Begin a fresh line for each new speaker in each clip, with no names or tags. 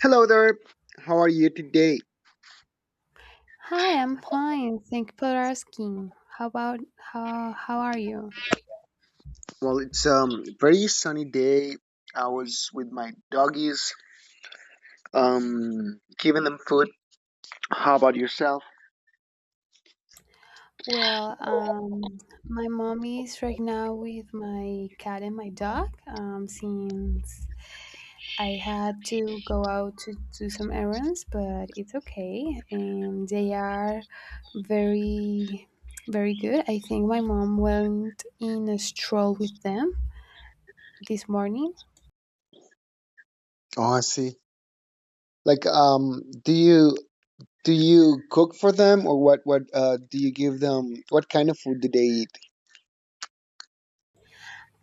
Hello there. How are you today?
Hi, I'm fine. Thank you for asking. How about how are you?
Well, it's very sunny day. I was with my doggies, giving them food. How about yourself?
Well, um, my mom is right now with my cat and my dog. Since I had to go out to do some errands, but it's okay. And they are very, very good. I think my mom went in a stroll with them this morning.
Oh, I see. Like, um, do you do you cook for them or what? What do you give them? What kind of food do they eat?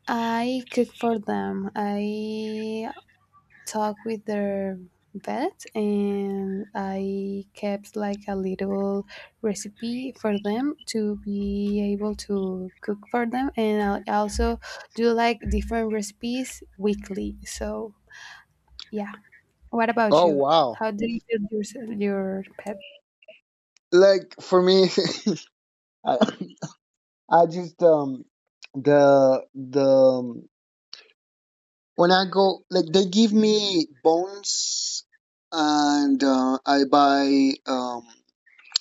I cook for them. I talk with their vet and I kept like a little recipe for them to be able to cook for them and I also do like different recipes weekly so yeah, what about
Oh,
you?
wow.
How do you build your pet?
Like for me, I, I just the when I go, like they give me bones, and I buy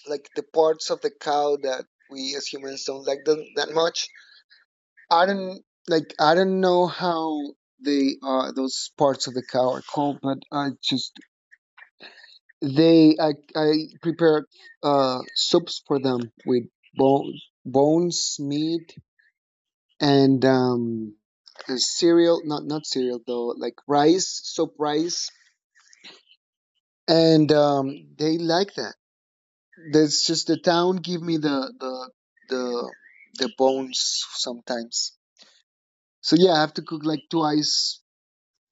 like the parts of the cow that we as humans don't like them that much. I don't like. I don't know how they are. Those parts of the cow are called, but I just they. I prepare soups for them with bones, bones, meat, and cereal. Not cereal though. Like rice, soap rice and they like that. That's just the town give me the the bones sometimes. So yeah, I have to cook like twice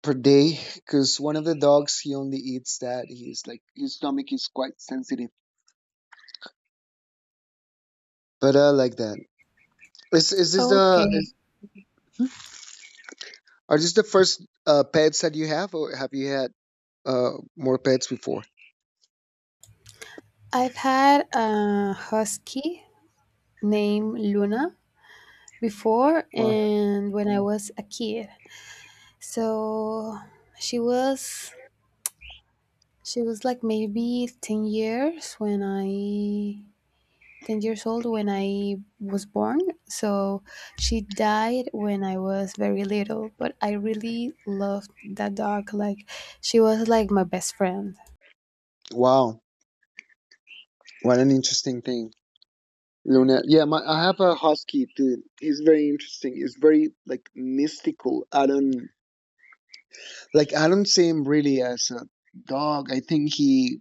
per day because one of the dogs he only eats that. He's like his stomach is quite sensitive. But I like that. Is this the
Okay.
is, are this the first pets that you have, or have you had more pets before?
I've had a husky named Luna before
Wow!
and when I was a kid. So she was she was like maybe 10 years when I 10 years old when I was born. So she died when I was very little, but I really loved that dog. Like she was like my best friend.
Wow! What an interesting thing. Luna. Yeah, my, I have a husky too. He's very interesting. He's very like mystical. I don't like. I don't see him really as a dog. I think he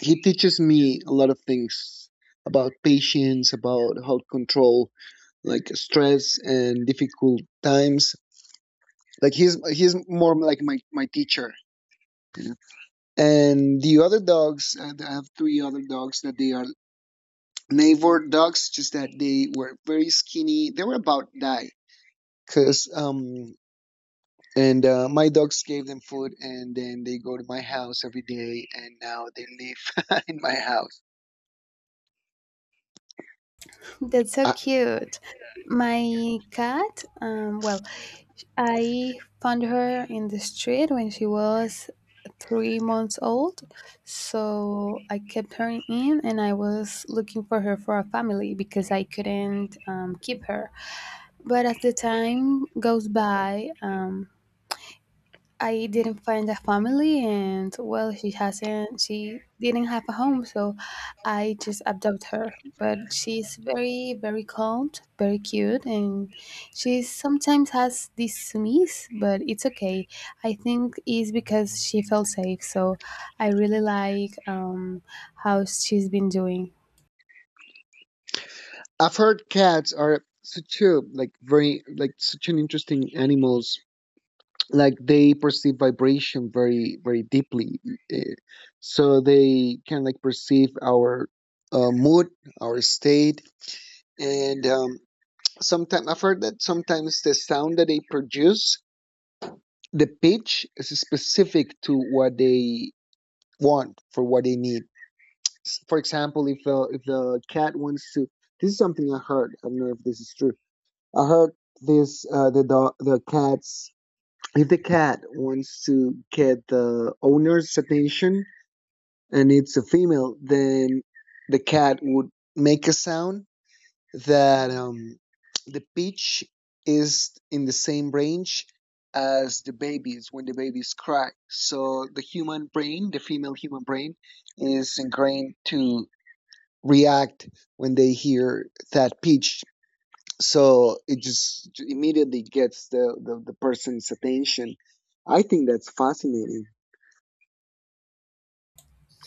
he teaches me a lot of things about patience, about how to control like stress and difficult times. Like he's more like my teacher. You And the other dogs, I have three other dogs that they are neighbor dogs. Just that they were very skinny. They were about that. Cause and my dogs gave them food, and then they go to my house every day, and now they live in my house.
That's so
I,
cute. My cat, well, I found her in the street when she was 3 months old. So I kept her in and I was looking for her for a family because I couldn't keep her. But as the time goes by, um, I didn't find a family, and well, she hasn't. She didn't have a home, so I just adopted her. But she's very, very calm, very cute, and she sometimes has this sneeze, but it's okay. I think it's because she felt safe. So I really like how she's been doing.
I've heard cats are such a like very like such an interesting animals. Like they perceive vibration very deeply, eh, so they can like perceive our mood, our state, and sometimes I've heard that sometimes the sound that they produce the pitch is specific to what they want for what they need. For example, if the cat wants to, this is something I heard. I don't know if this is true. I heard the cats. If the cat wants to get the owner's attention and it's a female, then the cat would make a sound that the pitch is in the same range as the babies when the babies cry. So the human brain, the female human brain, is ingrained to react when they hear that pitch. So it just immediately gets the person's attention. I think that's fascinating.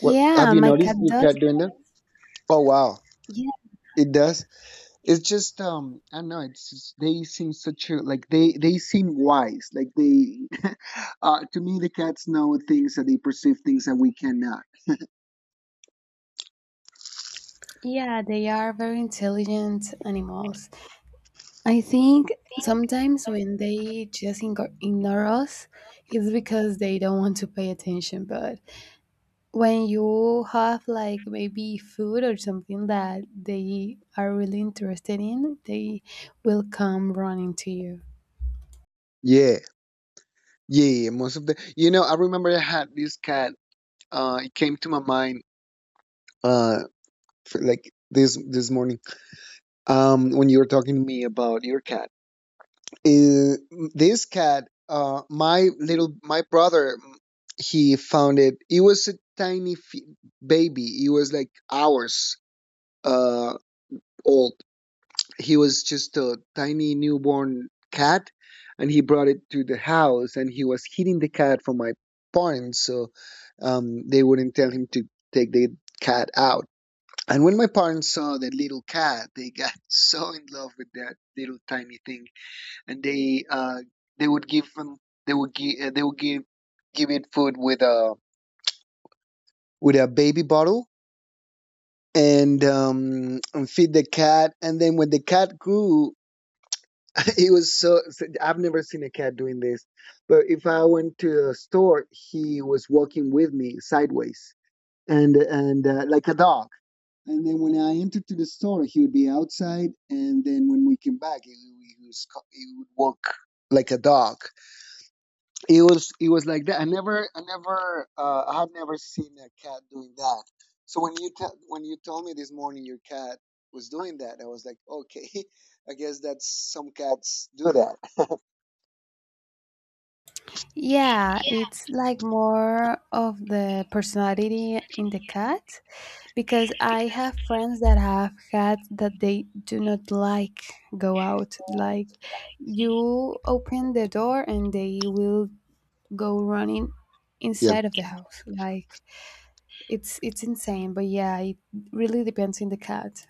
What have you
my
noticed
cat
your
does.
cat doing
That.
that? Oh wow,
Yeah,
it does. It's just I don't know, it's just, they seem such a like they seem wise like they to me the cats know things and they perceive things that we cannot.
yeah, they are very intelligent animals. I think sometimes when they just ignore us, it's because they don't want to pay attention. But when you have like maybe food or something that they are really interested in, they will come running to you.
Yeah yeah yeah, most of the. I remember I had this cat. It came to my mind uh for, like this morning when you were talking to me about your cat, uh, this cat my brother, he found it. It was a tiny baby. It was like ours uh, old. He was just a tiny newborn cat, and he brought it to the house, and he was hitting the cat for my parents, so they wouldn't tell him to take the cat out. And when my parents saw that little cat, they got so in love with that little tiny thing, and they would give him they would give give it food with a baby bottle and feed the cat. And then when the cat grew, he was so, so I've never seen a cat doing this. But if I went to a store, he was walking with me sideways and like a dog. And then when I entered to the store, he would be outside. And then when we came back, he would walk like a dog. It was like that. I never I have never seen a cat doing that. So when you when you told me this morning your cat was doing that, I was like okay. I guess that's some cats do that.
Yeah, it's like more of the personality in the cat because I have friends that have had that they do not like go out. Like you open the door and they will go running
Yeah,
inside of the house. Like it's insane. But yeah, it really depends on the cat.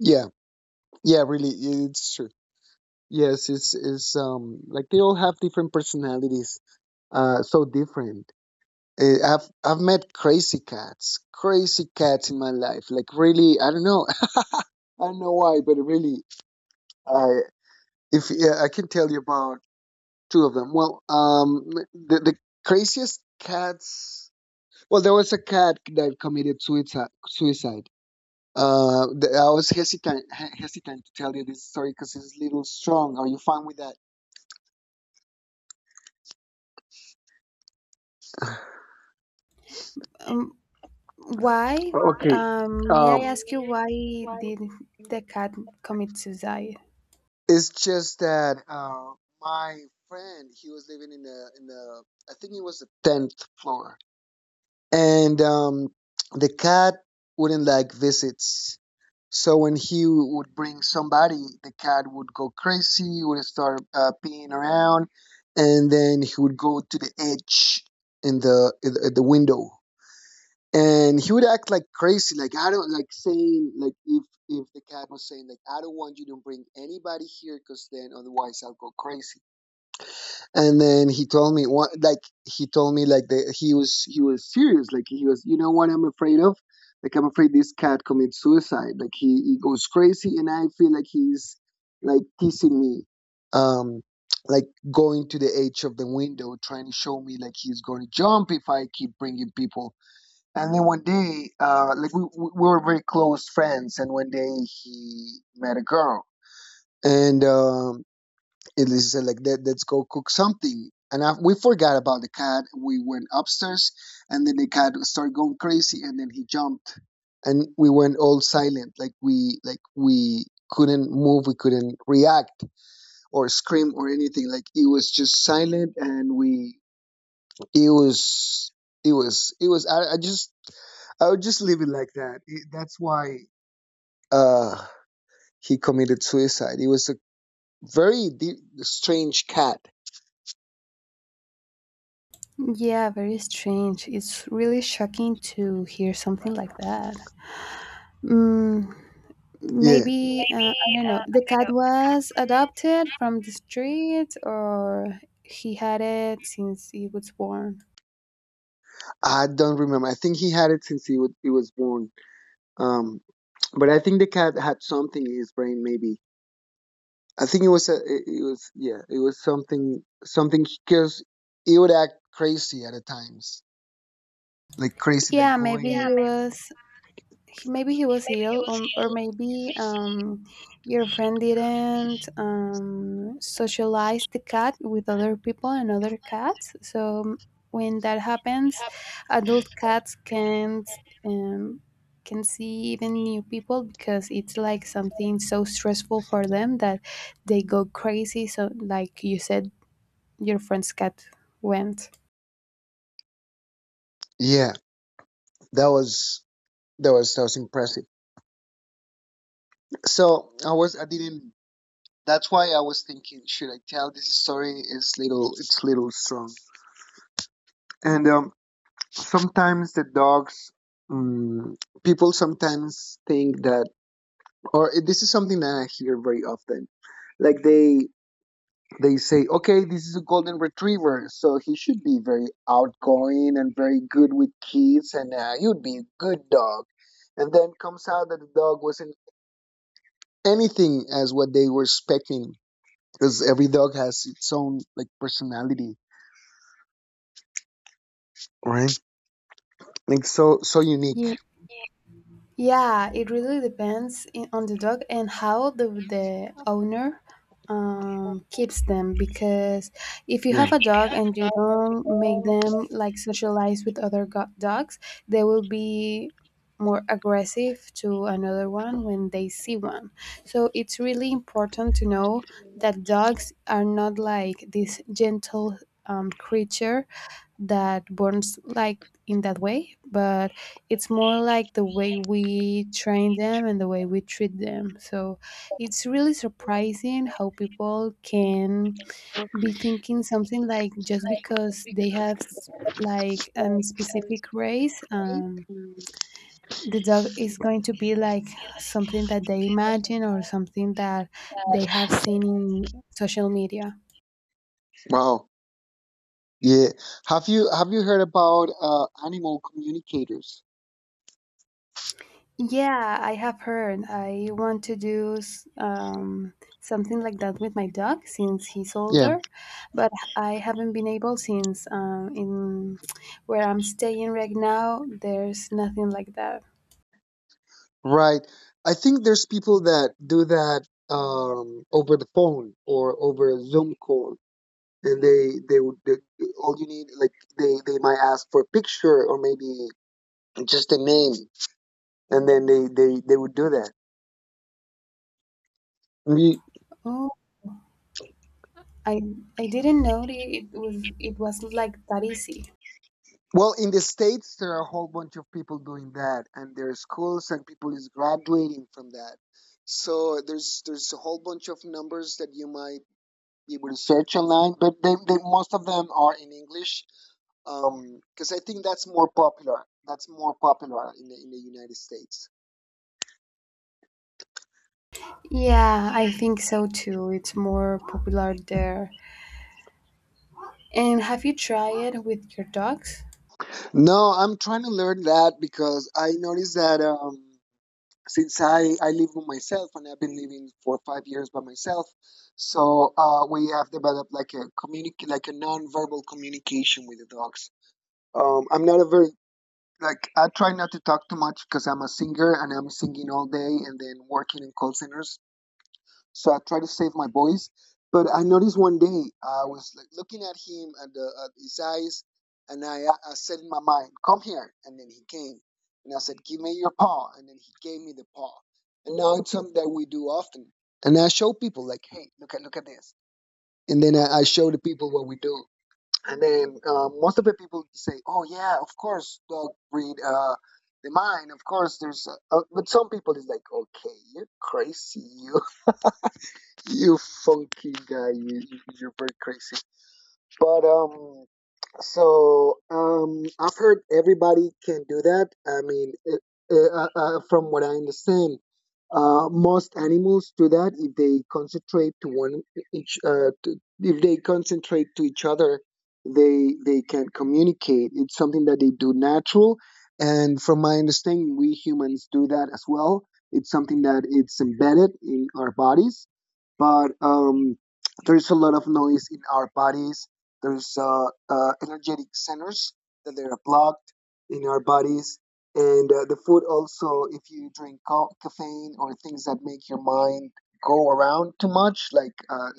yeah, yeah. Really, yeah, it's true. Yes, it's like they all have different personalities, so different. I've met crazy cats in my life. Like really, I don't know, I don't know why, but really, I if yeah, I can tell you about two of them. Well, the craziest cats. Well, there was a cat that committed suicide. Suicide. I was hesitant, hesitant to tell you this story because it's a little strong. Are you fine with that?
Um, why?
Okay.
May I
Um,
ask you why did the cat commit suicide?
it's just that my friend, he was living in I think it was the tenth floor, and the cat wouldn't like visits. So when he would bring somebody, the cat would go crazy, would start peeing around, and then he would go to the edge in the in the in the window and he would act like crazy. Like I don't like saying like if the cat was saying like I don't want you to bring anybody here because then otherwise I'll go crazy. And then he told me one like he told me like he was serious. Like he was, you know what I'm afraid of, like I'm afraid this cat commits suicide. Like he goes crazy and I feel like he's like teasing me, um like going to the edge of the window trying to show me like he's going to jump if I keep bringing people. And then one day, we were very close friends, and one day he met a girl, and Elisa said like, "Let's go cook something." And I, we forgot about the cat. We went upstairs, and then the cat started going crazy, and then he jumped, and we went all silent, like we couldn't move, we couldn't react or scream or anything. Like it was just silent, and we it was it was it was I just I would just leave it like that. That's why uh, he committed suicide. He was a strange cat.
Yeah, very strange. It's really shocking to hear something like that. Mm,
Yeah,
Maybe, I don't know, the cat was adopted from the street or he had it since he was born.
I don't remember. I think he had it since he was born. Um, but I think the cat had something in his brain. Maybe I think it was it was yeah it was something because he would act crazy at the times like crazy like
Yeah,
going.
maybe maybe he was ill or maybe your friend didn't socialize the cat with other people and other cats so when that happens adult cats can't um, can see even new people because it's like something so stressful for them that they go crazy, so like you said your friend's cat went.
Maybe. Yeah, that was that was impressive. So I was I didn't. That's why I was thinking, should I tell this story? It's little strong. And sometimes the dogs, um, people sometimes think that, or this is something that I hear very often. Like they say, okay, this is a golden retriever, so he should be very outgoing and very good with kids, and he would be a good dog. And then comes out that the dog wasn't anything as what they were expecting, because every dog has its own like personality, right? Like so so unique.
Yeah, it really depends in, on the dog and how the owner keeps them. Because if you
Yeah.
have a dog and you don't make them like socialize with other dogs, they will be more aggressive to another one when they see one. So it's really important to know that dogs are not like this gentle creature that burns like in that way, but it's more like the way we train them and the way we treat them. So it's really surprising how people can be thinking something like just because they have like a specific race, the dog is going to be like something that they imagine or something that they have seen in social media.
Wow. Yeah. Have you heard about animal communicators?
Yeah, I have heard. I want to do something like that with my dog since he's
Yeah.
older, but I haven't been able since in where I'm staying right now. There's nothing like that.
Right. I think there's people that do that over the phone or over a Zoom call, and all you need like they might ask for a picture or maybe just a name, and then they would do that.
Oh, I I didn't know it was like that easy.
Well, in the States, there are a whole bunch of people doing that, and there are schools and people is graduating from that. So there's a whole bunch of numbers that you might be able to search online, but most of them are in English because I think that's more popular. That's more popular in the United States.
Yeah, I think so too. It's more popular there. And have you tried it with your dogs?
No, I'm trying to learn that because I noticed that. Since I live with myself and I've been living for 5 years by myself. So we have developed like a communic like a non-verbal communication with the dogs. I'm not a very like I try not to talk too much because I'm a singer and I'm singing all day and then working in call centers. So I tried to save my voice. But I noticed one day I was like looking at his eyes, and I said in my mind, "Come here." And then he came, and I said, "Give me your paw." And then he gave me the paw. And now it's something that we do often. And I show people like, "Hey, look at this." And then I show the people what we do. And then most of the people say, "Oh yeah, of course, dog breed." The mind, of course, there's, But some people is like, okay, you're crazy. You funky guy, you're very crazy. But so I've heard everybody can do that. From what I understand, most animals do that if they concentrate to one e-, each. To, if they concentrate to each other, they can communicate. It's something that they do natural, and from my understanding, we humans do that as well. It's something that it's embedded in our bodies, but there's a lot of noise in our bodies. There's energetic centers that they are blocked in our bodies. And the food also, if you drink caffeine or things that make your mind go around too much, like uh,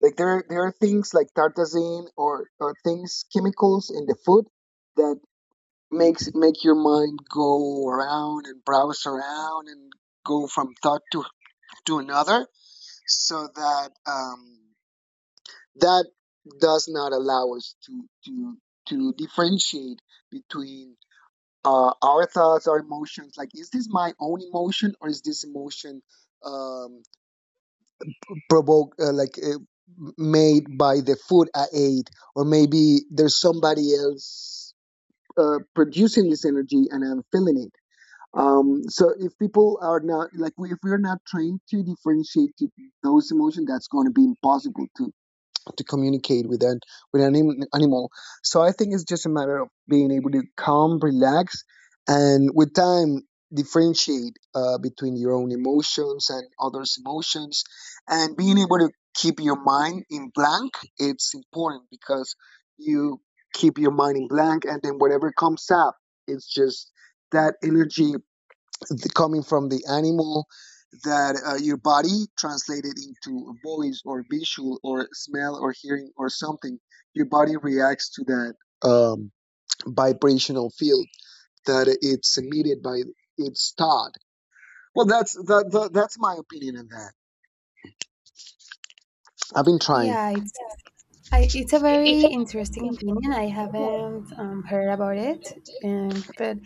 like there are things like tartazine or things chemicals in the food that make your mind go around and browse around and go from thought to another, so that does not allow us to differentiate between our thoughts, our emotions. Like, is this my own emotion or is this emotion um, provoked, made by the food I ate, or maybe there's somebody else producing this energy and I'm feeling it. So if people are not like we, if we're not trained to differentiate to those emotions, that's going to be impossible to communicate with an animal. So I think it's just a matter of being able to calm, relax, and with time differentiate between your own emotions and others' emotions, and being able to keep your mind in blank. It's important because you keep your mind in blank, and then whatever comes up, it's just that energy coming from the animal that your body translated into voice or visual or smell or hearing or something. Your body reacts to that um, vibrational field that it's emitted by its thought. Well that's my opinion on that. I've been trying.
Yeah, it's I, it's a very interesting opinion. I haven't heard about it, but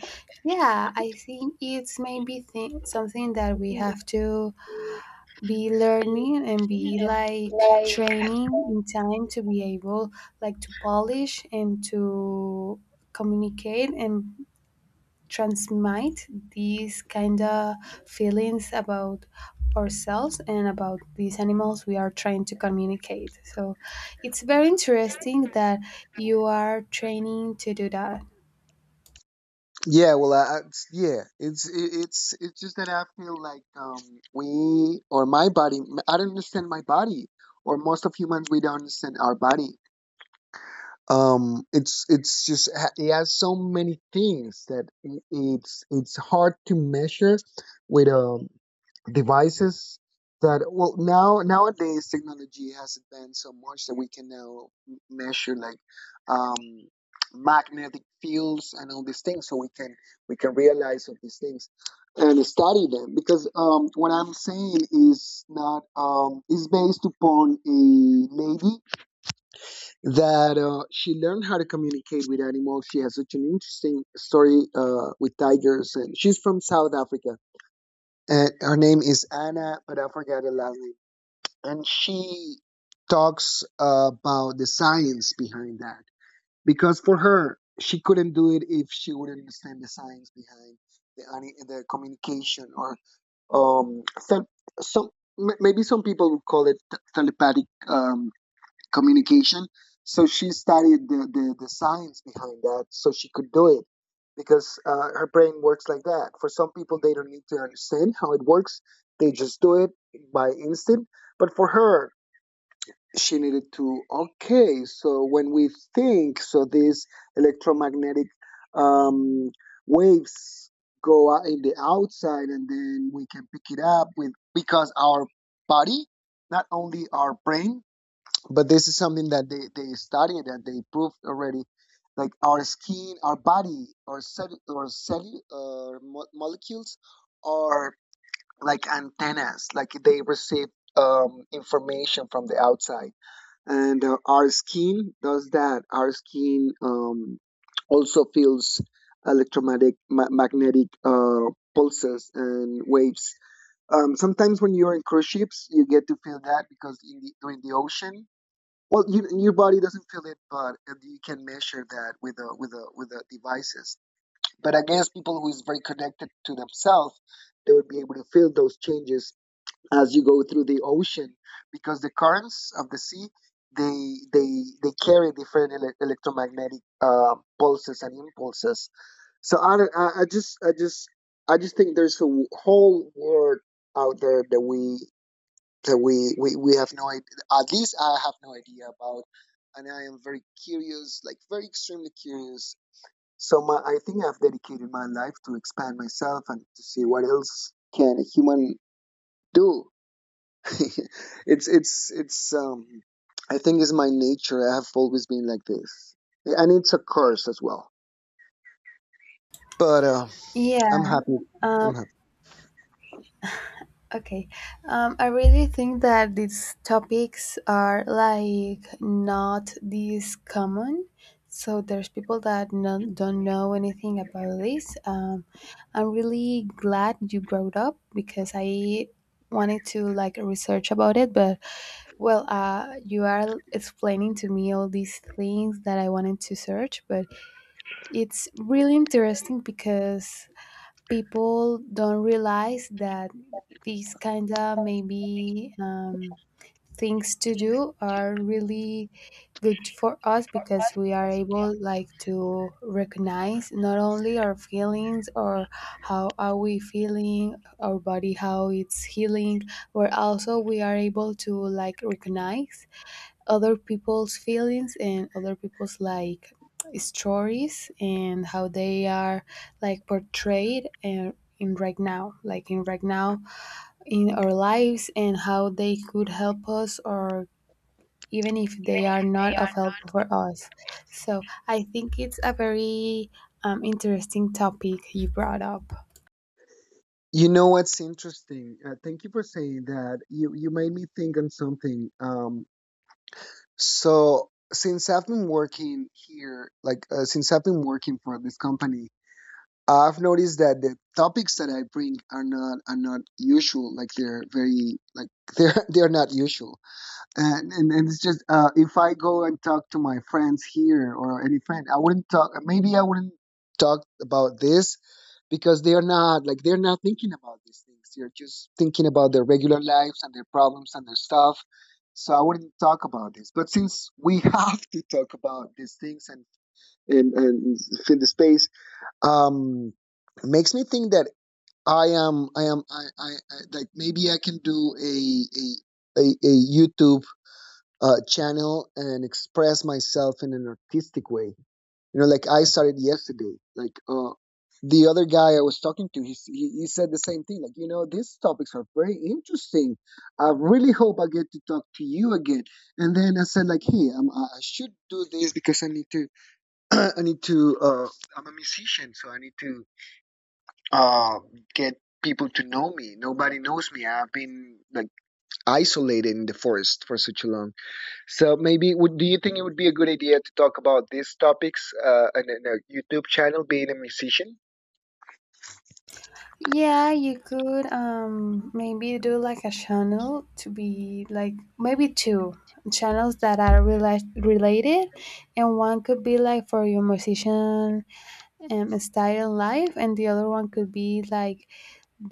yeah, I think it's maybe something that we have to be learning and be like training in time to be able like to polish and to communicate and transmit these kind of feelings about ourselves and about these animals we are trying to communicate. So it's very interesting that you are training to do that.
Yeah, well, I- it's- yeah it's it, it's just that I feel like we, or my body, I don't understand my body, or most of humans we don't understand our body. It's just it has so many things that it's hard to measure with devices. That well now Nowadays technology has advanced so much that we can now measure like um magnetic fields and all these things, so we can realize of these things and study them, because what I'm saying is not is based upon a lady that she learned how to communicate with animals. She has such an interesting story with tigers, and she's from South Africa. And her name is Anna, but I forgot her last name. And she talks about the science behind that, because for her, she couldn't do it if she wouldn't understand the science behind the communication, or um some, some maybe some people would call it telepathic communication. So she studied the science behind that so she could do it, because her brain works like that. For some people, they don't need to understand how it works, they just do it by instinct. But for her, she needed to, okay, so when we think, so these electromagnetic um, waves go out in the outside and then we can pick it up with, because our body, not only our brain, but this is something that they studied and they proved already. Like our skin, our body, or cell, molecules are like antennas. Like they receive information from the outside, and our skin does that. Our skin also feels electromagnetic magnetic pulses and waves. Um, sometimes when you're in cruise ships, you get to feel that because during the ocean, well, your body doesn't feel it, but you can measure that with the with the with the devices. But I guess people who is very connected to themselves, they would be able to feel those changes as you go through the ocean, because the currents of the sea they carry different electromagnetic pulses and impulses. So I, don't- I just I just I just think there's a whole world out there that we have no idea, at least I have no idea about, and I am very curious, like very extremely curious. So I think I've dedicated my life to expand myself and to see what else can a human do. It's I think it's my nature. I have always been like this, and it's a curse as well. But
Yeah,
I'm happy.
um,
I'm happy.
Okay. I really think that these topics are like not this common. So there's people that no, don't know anything about this. I'm really glad you brought up because I wanted to like research about it, but well, you are explaining to me all these things that I wanted to search, but it's really interesting because people don't realize that these kind of maybe things to do are really good for us because we are able like to recognize not only our feelings or how are we feeling, our body how it's healing, but also we are able to like recognize other people's feelings and other people's like stories and how they are like portrayed and in right now in our lives and how they could help us or even if they are not of help for us. So I think it's a very interesting topic you brought up.
You know what's interesting? Thank you for saying that. You made me think on something. So since I've been working here, since I've been working for this company, I've noticed that the topics that I bring are not usual. Like they're very like they're not usual, and and it's just if I go and talk to my friends here or any friend, I wouldn't talk. Maybe I wouldn't talk about this because they are not like they're not thinking about these things. They're just thinking about their regular lives and their problems and their stuff. So I wouldn't talk about this. But since we have to talk about these things and and fill the space, um, makes me think that I like maybe I can do a YouTube channel and express myself in an artistic way, you know, like I started yesterday. The other guy I was talking to, he, s- he said the same thing. Like, you know, these topics are very interesting. I really hope I get to talk to you again. And then I said, like, hey, I should do this because I need to. I need to. I'm a musician, so I need to uh, get people to know me. Nobody knows me. I've been like isolated in the forest for such a long. So maybe would do you think it would be a good idea to talk about these topics in a YouTube channel, being a musician?
Yeah, you could maybe do like a channel to be like maybe two channels that are related, and one could be like for your musician style life and the other one could be like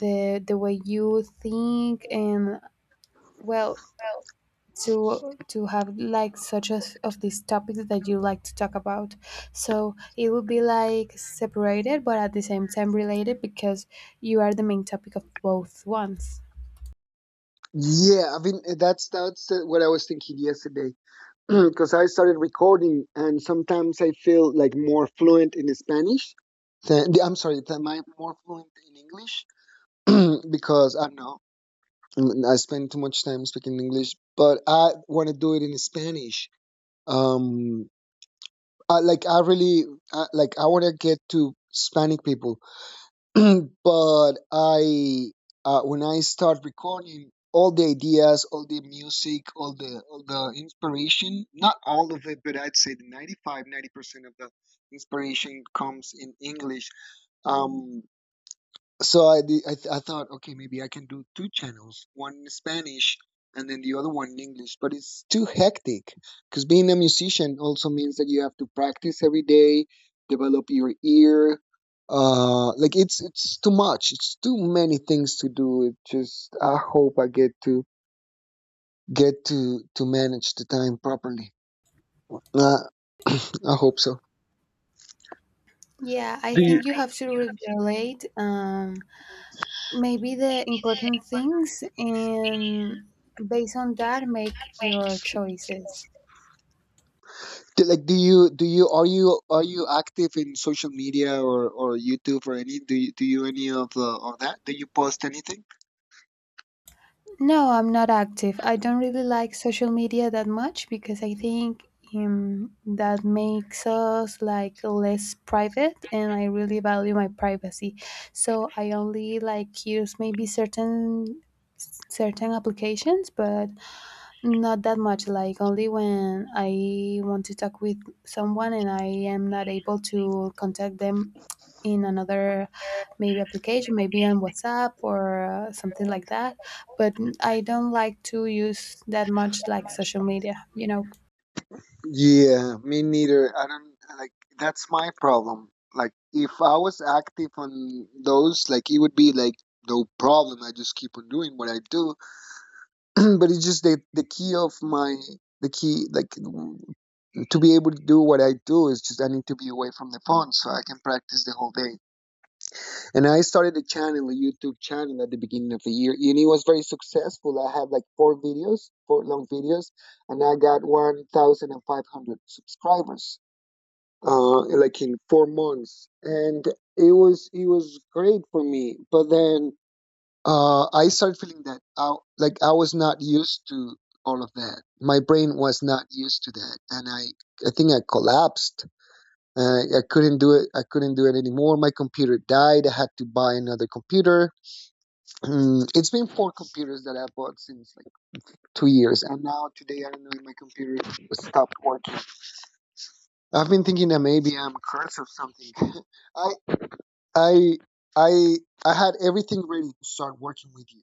the way you think and well, to have like such as of these topics that you like to talk about, so it would be like separated but at the same time related because you are the main topic of both ones.
Yeah, I mean that's what I was thinking yesterday. Because I started recording and sometimes I feel like more fluent in Spanish. Than, I'm sorry, than I more fluent in English. Because I don't know, I spend too much time speaking English, but I want to do it in Spanish. Um, I really like I want to get to Hispanic people. But I when I start recording all the ideas, all the music, all the inspiration, not all of it, but I'd say the 95, 90% of the inspiration comes in English. Um, so I thought, okay, maybe I can do two channels, one in Spanish and then the other one in English, but it's too hectic, because being a musician also means that you have to practice every day, develop your ear. Like it's too much, it's too many things to do. It just, I hope I get to to manage the time properly. uh, I hope so.
Yeah, I
do you
think you have to relate maybe the important things and based on that make your choices.
Do you are you active in social media or YouTube, or any, do you any of that, do you post anything?
No, I'm not active. I don't really like social media that much because I think that makes us like less private and I really value my privacy. So I only like use maybe certain certain applications, but not that much, like only when I want to talk with someone and I am not able to contact them in another maybe application, maybe on WhatsApp or something like that. But I don't like to use that much like social media, you know.
Yeah, me neither, I don't like, that's my problem, like if I was active on those, like it would be like no problem, I just keep on doing what I do. But it's just the key of my, the key, like, to be able to do what I do, is just I need to be away from the phone so I can practice the whole day. And I started a channel, a YouTube channel at the beginning of the year, and it was very successful. I had like four videos, four long videos, and I got 1,500 subscribers, like in 4 months. And it was great for me. But then I started feeling that like I was not used to all of that. My brain was not used to that, and I think I collapsed. I couldn't do it. I couldn't do it anymore. My computer died. I had to buy another computer. Mm, it's been four computers that I bought since like 2 years, and now today I don't know if my computer stopped working. I've been thinking that maybe I'm cursed or something. I I I I had everything ready to start working with you.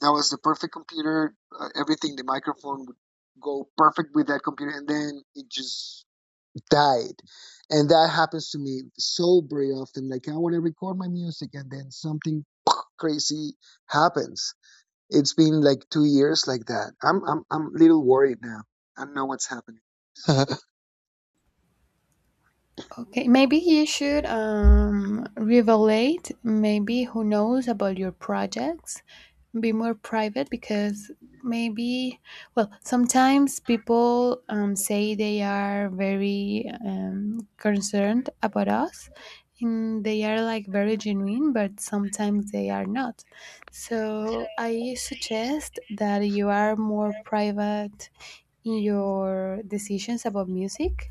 That was the perfect computer. Everything, the microphone would go perfect with that computer, and then it just died. And that happens to me so very often. Like I want to record my music and then something crazy happens. It's been like 2 years like that. I'm a little worried now. I don't know what's happening.
Okay, maybe you should revelate, maybe who knows about your projects be more private because maybe well sometimes people say they are very concerned about us and they are like very genuine but sometimes they are not. So I suggest that you are more private in your decisions about music,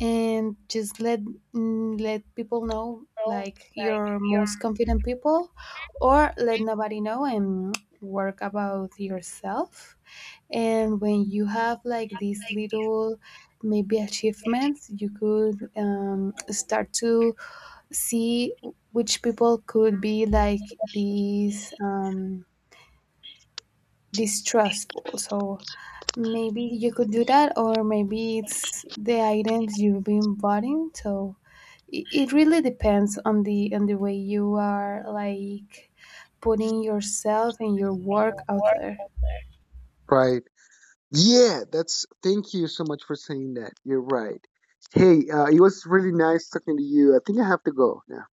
and just let let people know like your most confident people or let nobody know and work about yourself, and when you have like these little maybe achievements you could start to see which people could be like these distrustful. So maybe you could do that, or maybe it's the items you've been buying. So it really depends on the way you are like putting yourself and your work out there.
Right. Yeah, that's, thank you so much for saying that. You're right. Hey, it was really nice talking to you. I think I have to go now.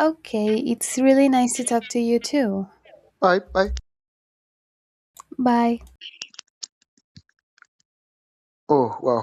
Okay, it's really nice to talk to you too.
Bye bye.
Bye.
Oh wow.